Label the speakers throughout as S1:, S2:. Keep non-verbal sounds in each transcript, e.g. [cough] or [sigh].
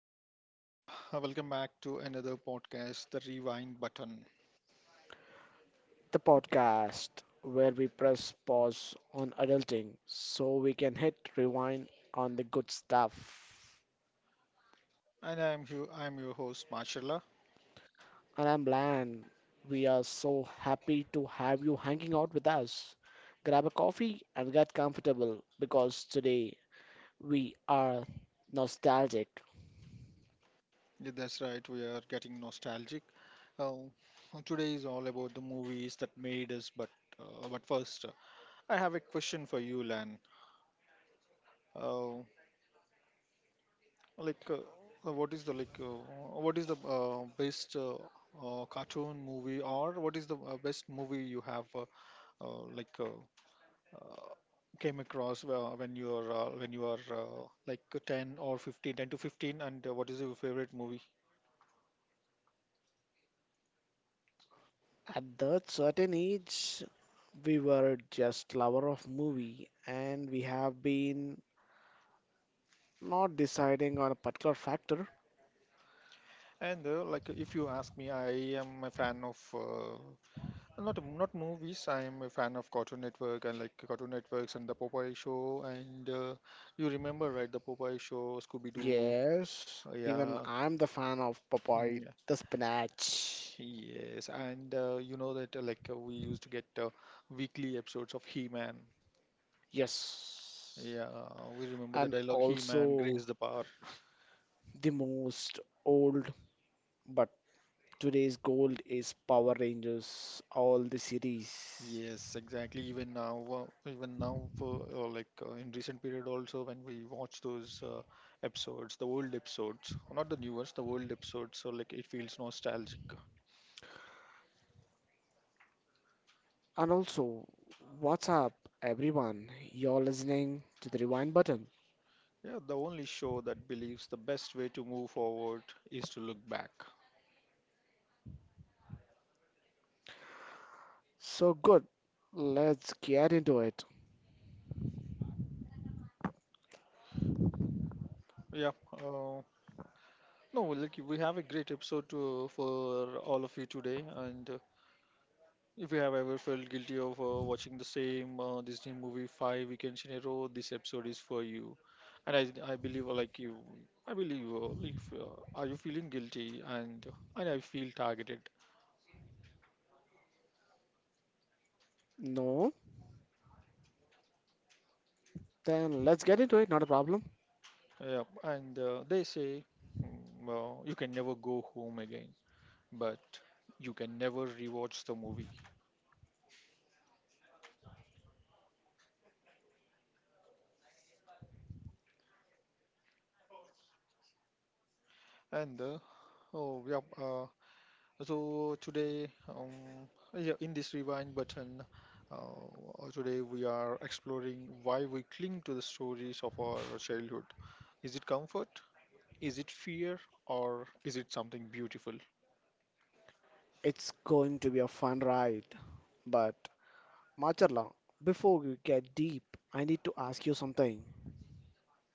S1: Hello, everyone. Welcome back to another podcast, The Rewind Button.
S2: The podcast where we press pause on adulting so we can hit rewind on the good stuff.
S1: And I'm your host, Marshalla.
S2: And I'm Lan. We are so happy to have you hanging out with us. Grab a coffee and get comfortable because today we are nostalgic.
S1: Yeah, that's right, we are getting nostalgic. Uh, Today is all about the movies that made us, but first, I have a question for you, Lan. Uh, like, what is the like, what is the best cartoon movie, or what is the best movie you uh, like, uh, uh, came across when you are 10 or 15, 10 to 15, and what is your favorite movie?
S2: At that certain age, we were just lover of movie and we have been not deciding on a particular factor.
S1: And Like if you ask me, I am a fan of not movies. I am a fan of Cartoon Network, and like Cartoon Networks and the Popeye show, and you remember, right? The Popeye show, Scooby Doo.
S2: Yes, even
S1: Yeah.
S2: I'm the fan of Popeye,
S1: mm,
S2: the spinach.
S1: yes, and you know that we used to get weekly episodes of He-Man.
S2: Yes,
S1: Yeah, we remember the
S2: and
S1: dialogue, "He Man,
S2: also
S1: Grace the Power."
S2: the most old, but today's gold is Power Rangers, all the series.
S1: Yes, exactly. Even now, for like in recent period also, when we watch those episodes, the old episodes, not the newest, the old episodes, so like it feels nostalgic.
S2: And also, what's up, everyone? You're listening to the rewind button.
S1: Yeah, the only show that believes the best way to move forward is to look back.
S2: So good, let's get into it.
S1: Yeah. No, we have a great episode for all of you today, and if you have ever felt guilty of watching the same Disney movie five weekends in a row, this episode is for you. And I, I believe, I believe, like, if, are you feeling guilty? And I feel targeted.
S2: No, then let's get into it, not a problem.
S1: Yeah, and they say, "Hmm, well, you can never go home again, but you can never rewatch the movie." And oh yeah. So today, yeah, in this Rewind Button, today we are exploring why we cling to the stories of our childhood. Is it comfort? Is it fear? Or is it something beautiful?
S2: It's going to be a fun ride, but Macharla, before we get deep, I need to ask you something.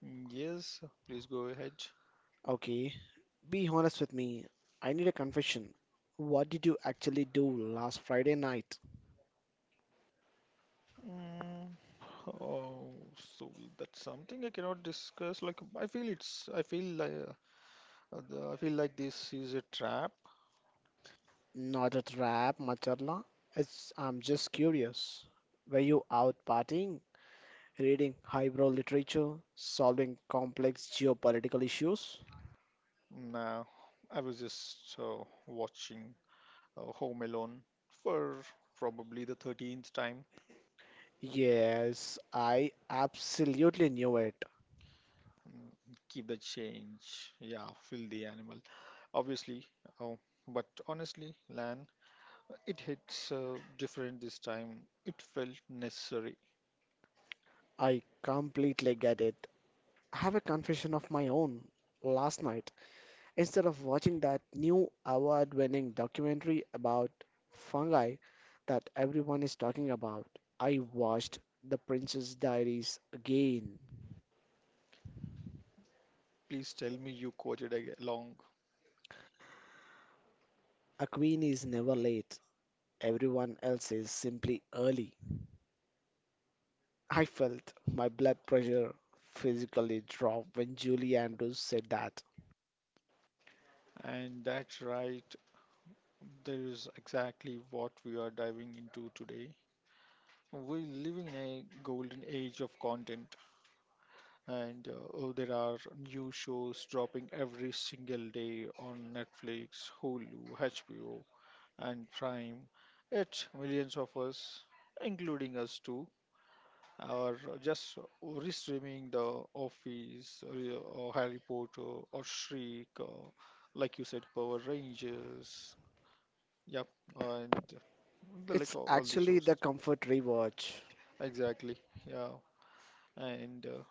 S1: Yes, please go ahead.
S2: Okay, be honest with me. I need a confession. What did you actually do last Friday night?
S1: Mm, Oh, so that's something I cannot discuss. Like I feel like, I feel like this is a trap.
S2: Not a trap, Macharla. It's, I'm just curious. Were you out partying, reading highbrow literature, solving complex geopolitical issues?
S1: Nah, I was just watching Home Alone for probably the 13th time.
S2: Yes, I absolutely knew it.
S1: Mm, Keep the change. Yeah, feel the animal. Obviously. Oh, but honestly, Lan, it hits different this time. It felt necessary.
S2: I completely get it. I have a confession of my own. Last night, instead of watching that new award winning documentary about fungi that everyone is talking about, I watched The Princess Diaries again.
S1: Please tell me you quoted along.
S2: A queen is never late, everyone else is simply early. I felt my blood pressure physically drop when Julie Andrews said that.
S1: And that's right. There is exactly what we are diving into today. We live in a golden age of content, and oh, there are new shows dropping every single day on Netflix, Hulu, HBO, and Prime. It's millions of us, including us too, are just restreaming The Office, or Harry Potter, or Shriek, or like you said, Power Rangers. Yep, and the, like
S2: It's
S1: all the
S2: actually
S1: shows.
S2: the comfort rewatch.
S1: Exactly. Yeah, and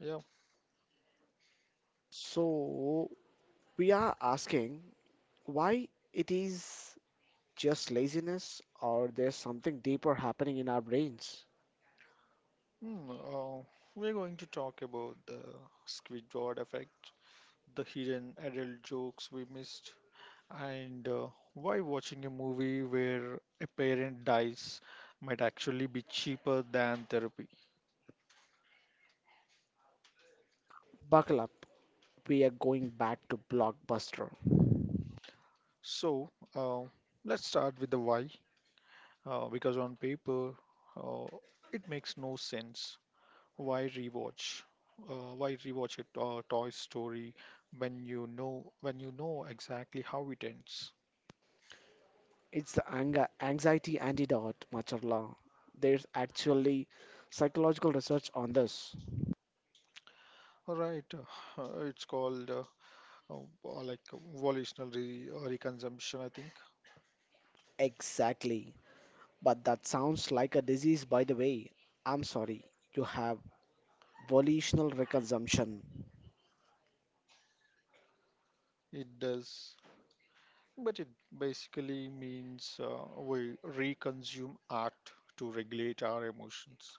S1: yeah.
S2: So, we are asking why it is just laziness or there's something deeper happening in our brains?
S1: Hmm, we're going to talk about the Squidward effect, the hidden adult jokes we missed, and why watching a movie where a parent dies might actually be cheaper than therapy.
S2: Buckle up, we are going back to Blockbuster.
S1: So, uh, let's start with the why, because on paper, uh, it makes no sense. Why rewatch? Why rewatch it? Toy Story when you know exactly how it ends.
S2: It's the anxiety antidote, Macharla. There's actually psychological research on this.
S1: Right, [laughs] it's called uh, like volitional re reconsumption, I think.
S2: Exactly. But that sounds like a disease, by the way. I'm sorry, you have volitional reconsumption.
S1: It does, but it basically means we reconsume art to regulate our emotions.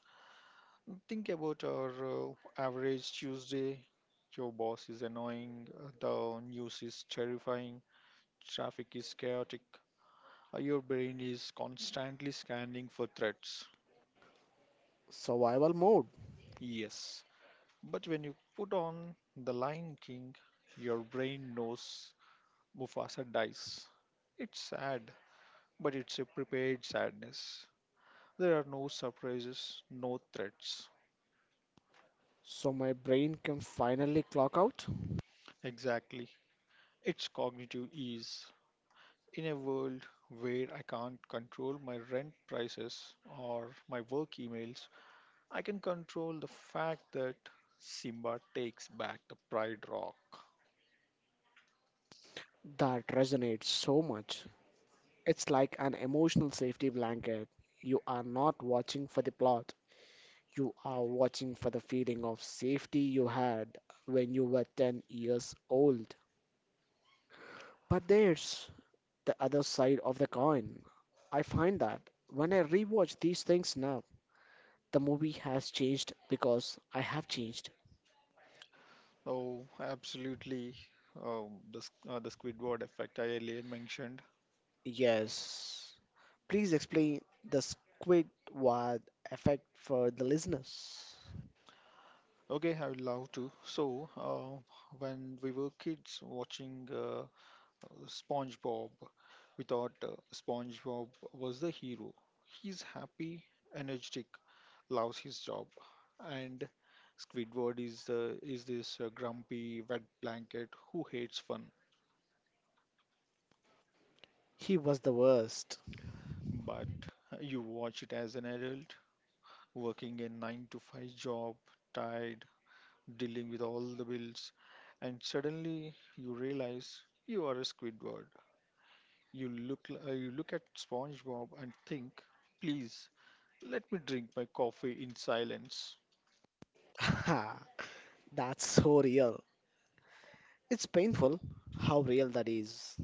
S1: Think about our average Tuesday. Your boss is annoying, the news is terrifying, traffic is chaotic, your brain is constantly scanning for threats.
S2: Survival mode.
S1: Yes, but when you put on The Lion King, your brain knows Mufasa dies. It's sad, but it's a prepared sadness. There are no surprises, no threats.
S2: So my brain can finally clock out?
S1: Exactly. It's cognitive ease. In a world where I can't control my rent prices or my work emails, I can control the fact that Simba takes back the Pride Rock.
S2: That resonates so much. It's like an emotional safety blanket. You are not watching for the plot, you are watching for the feeling of safety you had when you were 10 years old. But there's the other side of the coin. I find that when I rewatch these things now, the movie has changed because I have changed.
S1: Oh, absolutely. The Squidward effect I earlier mentioned.
S2: Yes. Please explain the Squidward effect for the listeners.
S1: Okay, I would love to. So, when we were kids watching SpongeBob, we thought SpongeBob was the hero. He's happy, energetic, loves his job, and Squidward is this grumpy wet blanket who hates fun.
S2: He was the worst.
S1: But you watch it as an adult, working a nine to five job, tired, dealing with all the bills, and suddenly you realize you are a Squidward. You you look at SpongeBob and think, please, let me drink my coffee in silence.
S2: [laughs] That's so real. It's painful how real that is.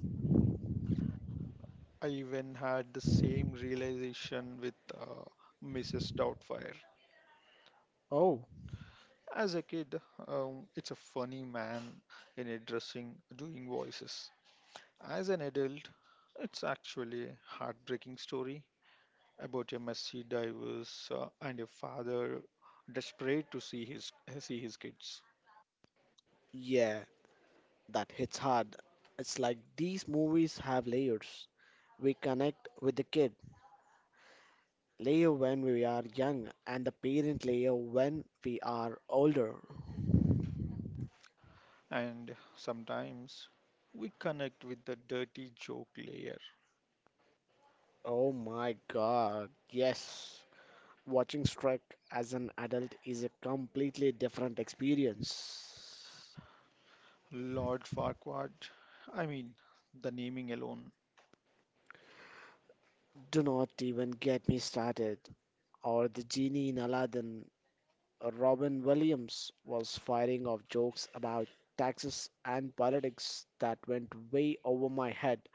S1: I even had the same realization with Mrs. Doubtfire.
S2: Oh.
S1: As a kid, it's a funny man in a dressing doing voices. As an adult, it's actually a heartbreaking story about a messy divorce and a father desperate to see his kids.
S2: Yeah, that hits hard. It's like these movies have layers. We connect with the kid layer when we are young, and the parent layer when we are older.
S1: And sometimes we connect with the dirty joke layer.
S2: Oh my god, yes. Watching Shrek as an adult is a completely different experience.
S1: Lord Farquaad, I mean, the naming alone.
S2: Do not even get me started. Or the genie in Aladdin, Robin Williams was firing off jokes about taxes and politics that went way over my head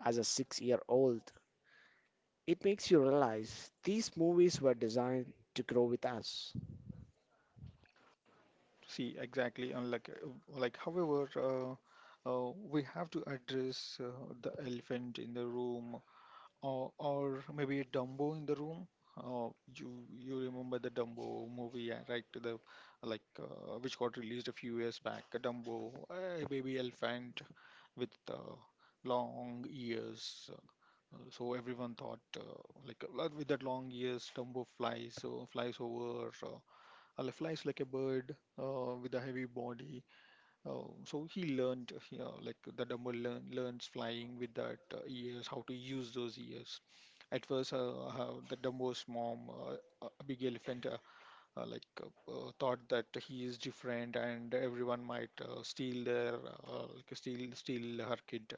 S2: as a 6 year old. It makes you realize these movies were designed to grow with us.
S1: See, exactly, and however, we have to address the elephant in the room, or maybe a Dumbo in the room. Uh, you remember the Dumbo movie, right? To the like Which got released a few years back. A Dumbo, a baby elephant with long ears. So everyone thought with that long ears, Dumbo flies. So flies over, flies like a bird with a heavy body. Oh, so he learned, you know, like the Dumbo learns flying with that ears, how to use those ears. At first, how the Dumbo's mom, big elephant, thought that he is different and everyone might steal their, steal her kid.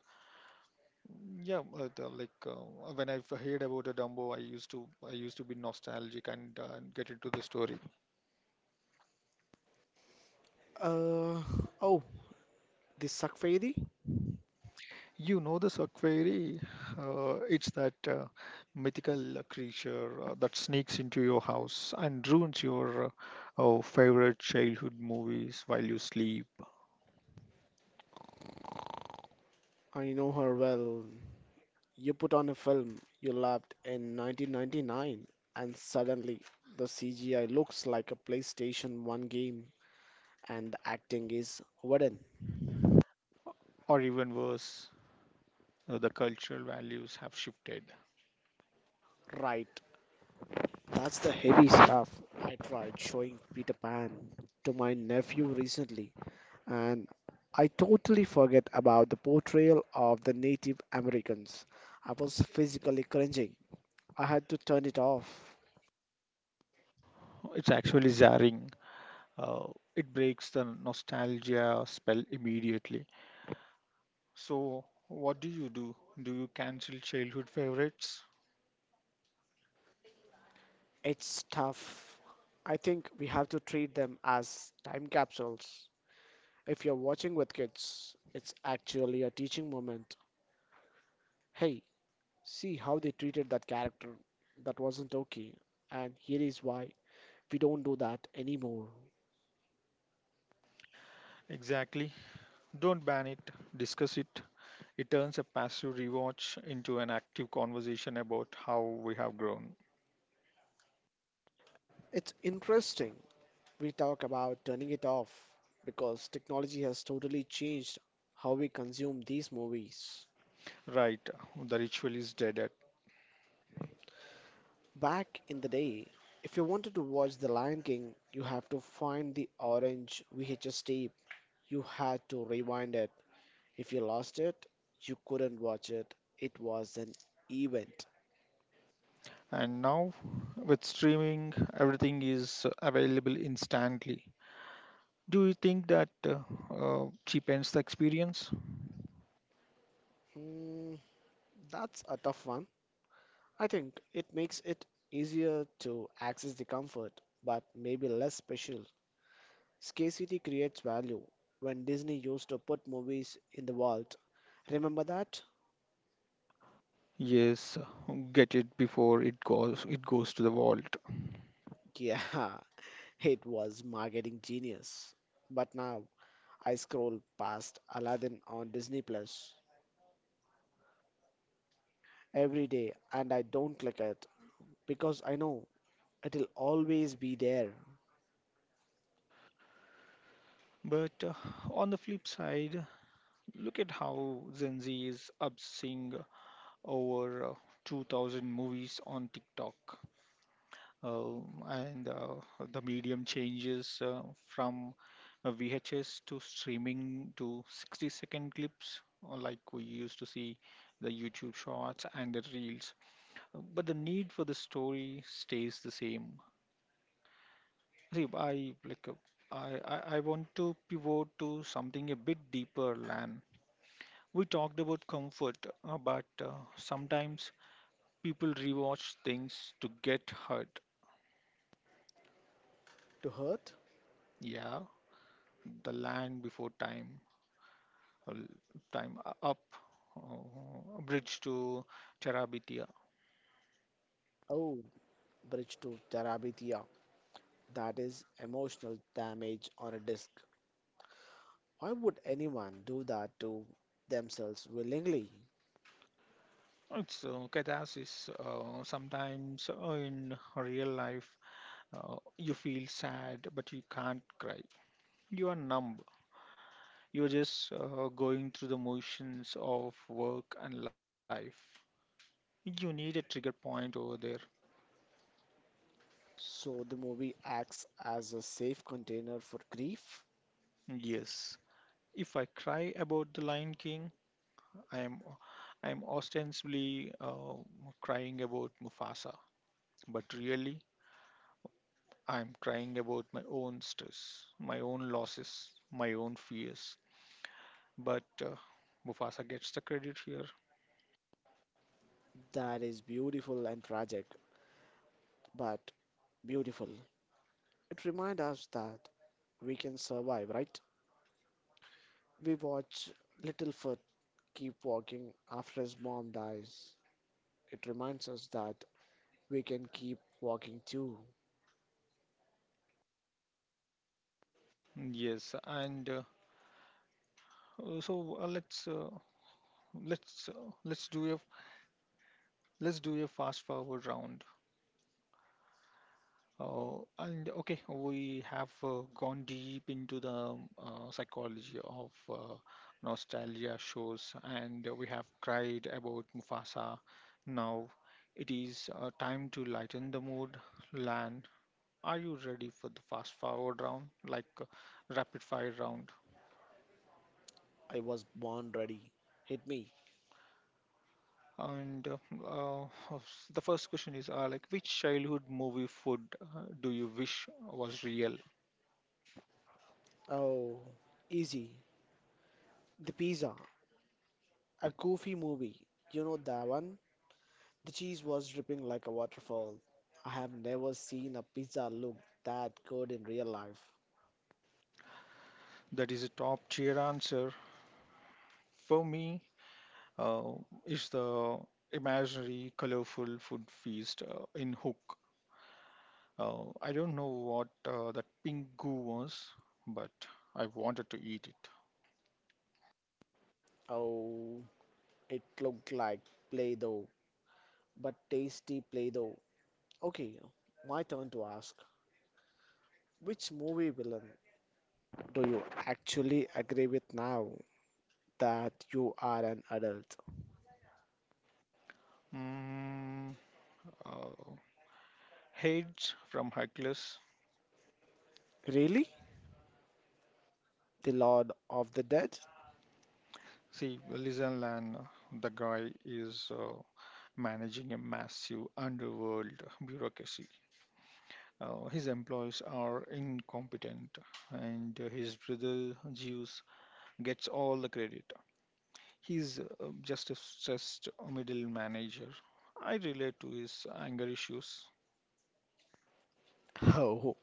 S1: Yeah, the, like when I heard about a Dumbo, I used to be nostalgic and get into the story.
S2: Uh, oh, the Sakfedi?
S1: You know the Sanctuary? It's that mythical creature that sneaks into your house and ruins your oh, favorite childhood movies while you sleep,
S2: I know her well. You put on a film you loved in 1999, and suddenly the CGI looks like a PlayStation 1 game and the acting is wooden.
S1: or even worse, the cultural values have shifted.
S2: Right, that's the heavy stuff. I tried showing Peter Pan to my nephew recently, and I totally forget about the portrayal of the Native Americans. I was physically cringing. I had to turn it off.
S1: It's actually jarring. Uh, it breaks the nostalgia spell immediately. So, what do you do? Do you cancel childhood favorites?
S2: It's tough. I think we have to treat them as time capsules. If you're watching with kids, it's actually a teaching moment. Hey, see how they treated that character. That wasn't okay. And here is why, we don't do that anymore.
S1: Exactly. Don't ban it, discuss it. It turns a passive rewatch into an active conversation about how we have grown.
S2: It's interesting we talk about turning it off because technology has totally changed how we consume these movies.
S1: Right, the ritual is dead.
S2: Back in the day, if you wanted to watch The Lion King, you have to find the orange VHS tape. You had to rewind it. If you lost it, you couldn't watch it. It was an event.
S1: And now, with streaming, everything is available instantly. Do you think that cheapens the experience?
S2: Hmm, that's a tough one. I think it makes it easier to access the comfort, but maybe less special. Scarcity creates value. When Disney used to put movies in the vault, remember that?
S1: Yes, get it before it goes to the vault.
S2: Yeah, [laughs] it was marketing genius. But now I scroll past Aladdin on Disney Plus every day and I don't click it because I know it'll always be there
S1: But on the flip side, look at how Gen Z is obsessing over 2000 movies on TikTok, uh, and the medium changes from VHS to streaming to 60 second clips, or like we used to see the YouTube shorts and the reels. But the need for the story stays the same. See, I like I want to pivot to something a bit deeper, Lan. We talked about comfort, but sometimes people rewatch things to get hurt.
S2: to hurt.
S1: Yeah, The Land Before Time, l- time u- up Bridge to Terabithia.
S2: Oh, Bridge to Terabithia. That is emotional damage on a disc. Why would anyone do that to themselves willingly?
S1: It's catharsis. Sometimes in real life, you feel sad but you can't cry, you are numb, you're just going through the motions of work and life. You need a trigger point over there.
S2: So the movie acts as a safe container for grief.
S1: Yes, if I cry about The Lion King, I am, I am ostensibly crying about Mufasa, but really I'm crying about my own stress, my own losses, my own fears. But Mufasa gets the credit here.
S2: That is beautiful and tragic, but beautiful. It reminds us that we can survive, right? We watch Littlefoot keep walking after his mom dies. It reminds us that we can keep walking too.
S1: Yes, and so let's uh, let's do a let's do a fast forward round. And okay, we have gone deep into the psychology of nostalgia shows, and we have cried about Mufasa. Now it is time to lighten the mood, Lan. Are you ready for the fast forward round, like rapid fire round?
S2: I was born ready. Hit me.
S1: And uh, uh, the first question is, which childhood movie food do you wish was real?
S2: Oh, easy. The Pizza, a goofy movie. You know that one? The cheese was dripping like a waterfall. I have never seen a pizza look that good in real life.
S1: That is a top tier answer. For me, uh, is the imaginary colorful food feast in Hook. I don't know what that pink goo was, but I wanted to eat it.
S2: Oh, it looked like Play-Doh, but tasty Play-Doh. Okay, my turn to ask. Which movie villain do you actually agree with now that you are an adult?
S1: Mm, uh, Hades from Hercules.
S2: Really? The Lord of the Dead?
S1: See, Lizel, and the guy is managing a massive underworld bureaucracy. His employees are incompetent, and his brother Zeus gets all the credit. He's just a stressed middle manager. I relate to his anger issues.
S2: [laughs] Oh,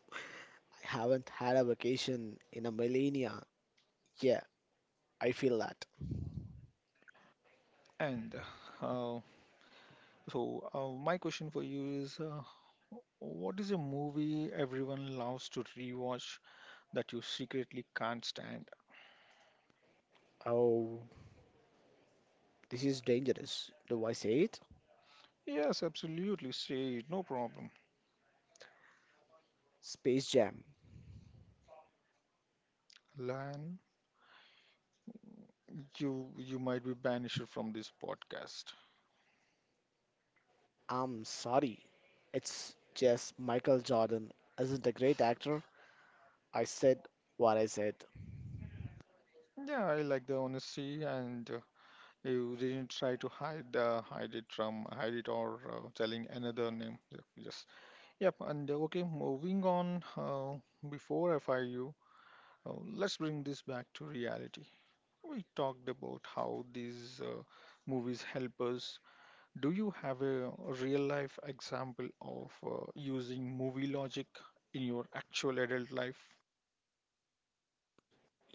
S2: I haven't had a vacation in a millennia. Yeah, I feel that.
S1: And uh, so, my question for you is, what is a movie everyone loves to rewatch that you secretly can't stand?
S2: Oh, this is dangerous. Do I say it?
S1: Yes, absolutely. Say, no problem.
S2: Space Jam.
S1: Lan, you might be banished from this podcast.
S2: I'm sorry. It's just Michael Jordan isn't a great actor. I said what I said.
S1: Yeah, I like the honesty, and you didn't try to hide it or telling another name. Yep. Yes. Yep. And okay, moving on. Before I fire you, let's bring this back to reality. We talked about how these movies help us. Do you have a real life example of using movie logic in your actual adult life?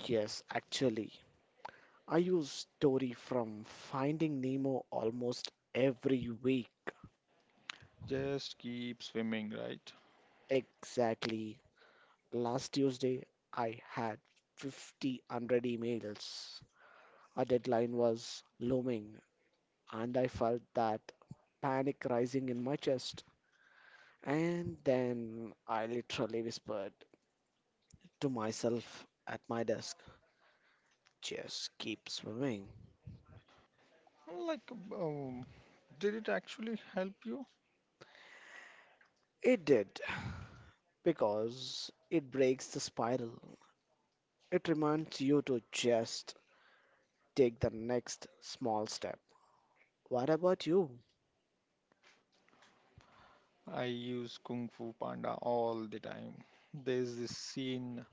S2: Yes, actually. I use story from Finding Nemo almost every week.
S1: Just keep swimming, right?
S2: Exactly. Last Tuesday, I had 50 hundred emails. A deadline was looming, and I felt that panic rising in my chest. And then I literally whispered, to myself at my desk. Just keep swimming.
S1: Like, um, did it actually help you?
S2: It did, because it breaks the spiral. It reminds you to just take the next small step. What about you?
S1: I use Kung Fu Panda all the time. There's this scene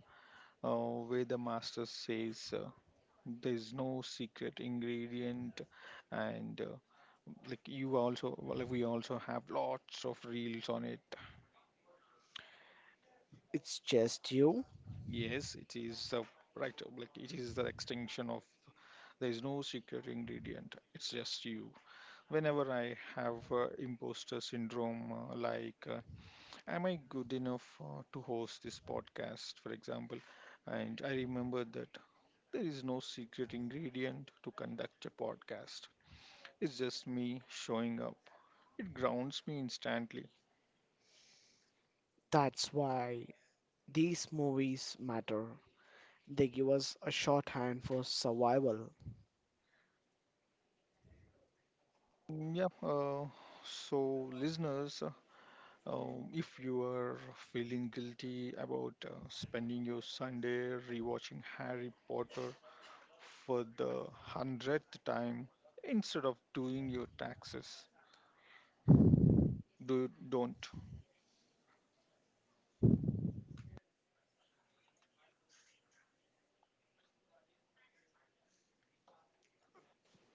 S1: uh, where the master says, there's no secret ingredient and we also have lots of reels on it.
S2: It's just you?
S1: Yes, it is the right, like it is the extinction of. There is no secret ingredient. It's just you. Whenever I have imposter syndrome, am I good enough to host this podcast, for example? And I remember that there is no secret ingredient to conduct a podcast. It's just me showing up. It grounds me instantly.
S2: That's why these movies matter. They give us a shorthand for survival.
S1: Mm, yeah. So, listeners, if you are feeling guilty about spending your Sunday rewatching Harry Potter for the hundredth time instead of doing your taxes, do don't.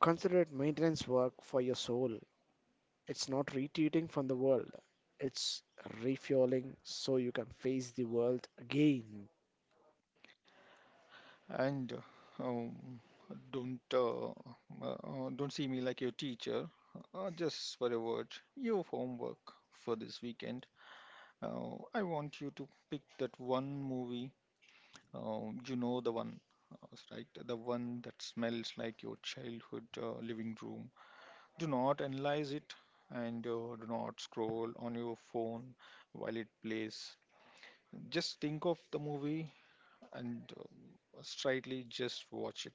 S2: Consider it maintenance work for your soul. It's not retreating from the world, it's refueling so you can face the world again.
S1: And uh, um, don't uh, don't see me like your teacher. Just for a word, your homework for this weekend. I want you to pick that one movie. You know the one, right? The one that smells like your childhood living room. Do not analyze it, and do not scroll on your phone while it plays. Just think of the movie, and straightly just watch it.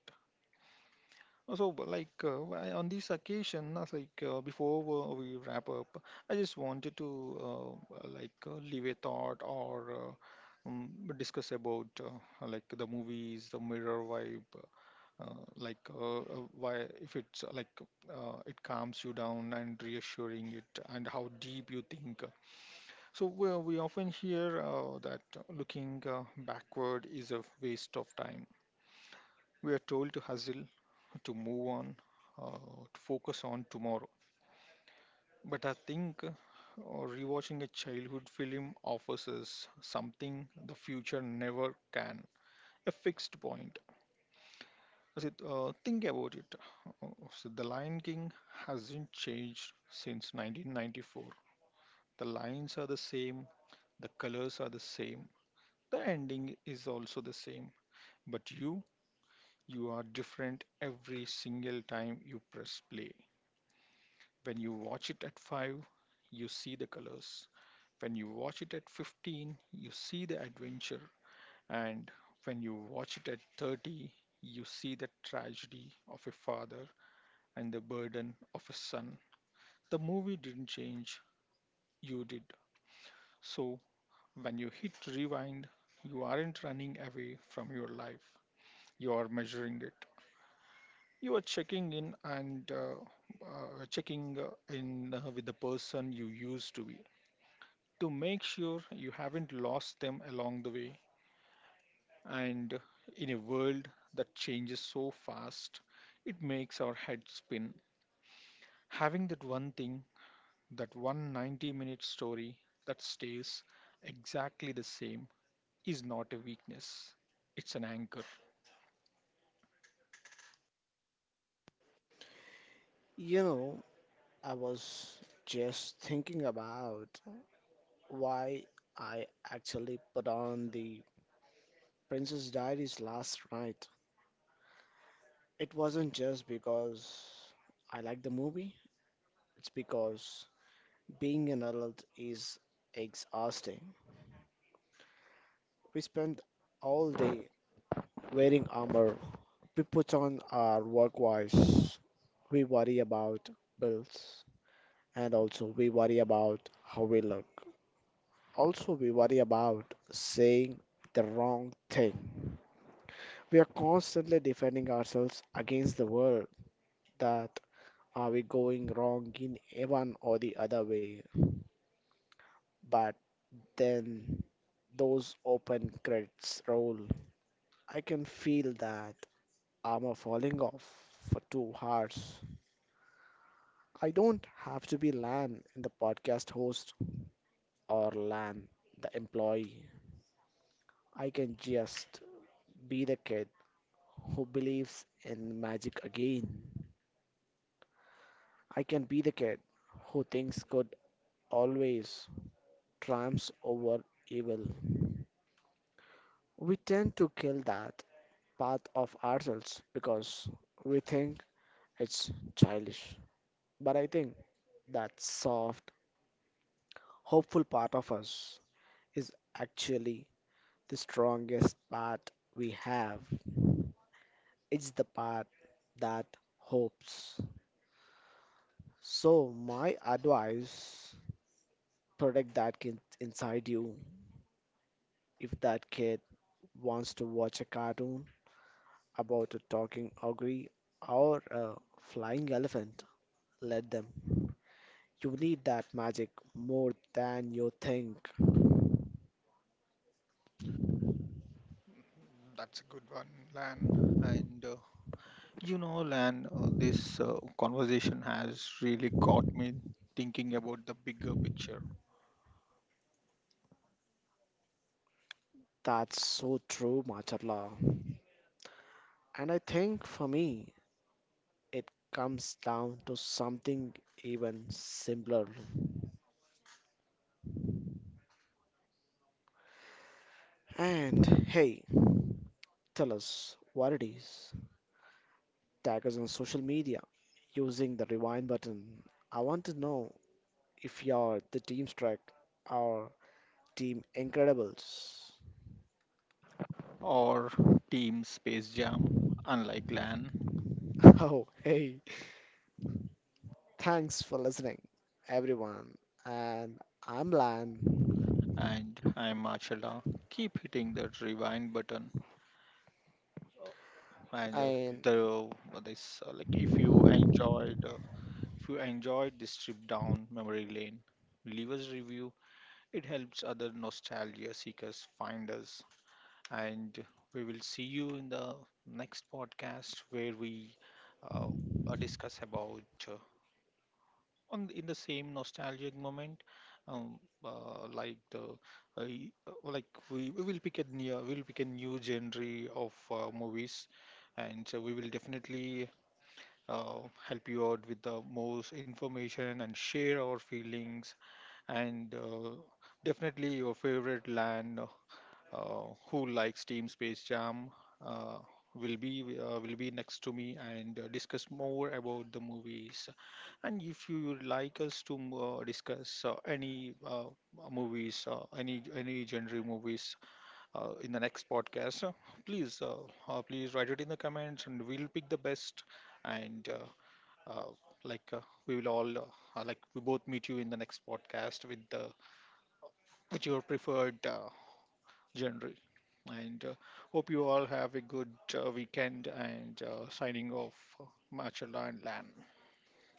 S1: So, on this occasion, before we wrap up, I just wanted to leave a thought or discuss about the movies, the mirror vibe, why, if it's it calms you down and reassuring it, and how deep you think. So we often hear that looking backward is a waste of time. We are told to hustle, to move on, uh, to focus on tomorrow. But I think rewatching a childhood film offers us something the future never can. A fixed point. Sid, think about it. So the Lion King hasn't changed since 1994. The lines are the same, the colors are the same, the ending is also the same. But you are different every single time you press play. When you watch it at 5, you see the colors. When you watch it at 15, you see the adventure. And when you watch it at 30, you see the tragedy of a father and the burden of a son. The movie didn't change, you did. So, when you hit rewind, you aren't running away from your life, you are measuring it. You are checking in and checking in with the person you used to be, to make sure you haven't lost them along the way. And in a world that changes so fast, it makes our heads spin. Having that one thing, that one 90-minute minute story that stays exactly the same, is not a weakness, it's an anchor.
S2: You know, I was just thinking about why I actually put on the Princess Diaries last night. It wasn't just because I like the movie, it's because being an adult is exhausting. We spend all day wearing armor, we put on our work wise, we worry about bills, and also we worry about how we look. Also, we worry about saying the wrong thing. We are constantly defending ourselves against the world that are we going wrong in one or the other way. But then those open credits roll. I can feel that armor falling off for 2 hours. I don't have to be Lan in the podcast host or Lan the employee. I can just be the kid who believes in magic again. I can be the kid who thinks good always triumphs over evil. We tend to kill that part of ourselves because we think it's childish. But I think that soft, hopeful part of us is actually the strongest part we have. It's the part that hopes. So, my advice, protect that kid inside you. If that kid wants to watch a cartoon about a talking ogre or a flying elephant, let them. You need that magic more than you think.
S1: That's a good one, Lan. And you know, Lan, this conversation has really got me thinking about the bigger picture.
S2: That's so true, Macharla. And I think for me, it comes down to something even simpler. And hey, tell us what it is. Tag us on social media using the rewind button. I want to know if you're the team strike or team incredibles.
S1: Or Team Space Jam, unlike Lan.
S2: [laughs] Oh, hey. Thanks for listening, everyone. And I'm Lan,
S1: And I'm Marshall. Keep hitting that rewind button, and
S2: and
S1: the what is like if you enjoyed this trip down memory lane, leave us review. It helps other nostalgia seekers find us, and we will see you in the next podcast, where we uh, discuss about uh, on in the same nostalgic moment, um, like the y- like we'll pick a new genre of movies, and so we will definitely uh, help you out with the most information and share our feelings, and definitely your favorite land, who likes Team Space Jam, uh, will be next to me and discuss more about the movies. And if you would like us to discuss any movies, any genre movies in the next podcast, please uh, please write it in the comments, and we'll pick the best. And uh, like We will all like we both meet you in the next podcast with the with your preferred. General. And hope you all have a good weekend, and signing off, Machala and Lan.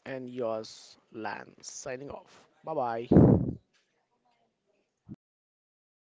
S2: and yours, Lan. Signing off. Bye bye.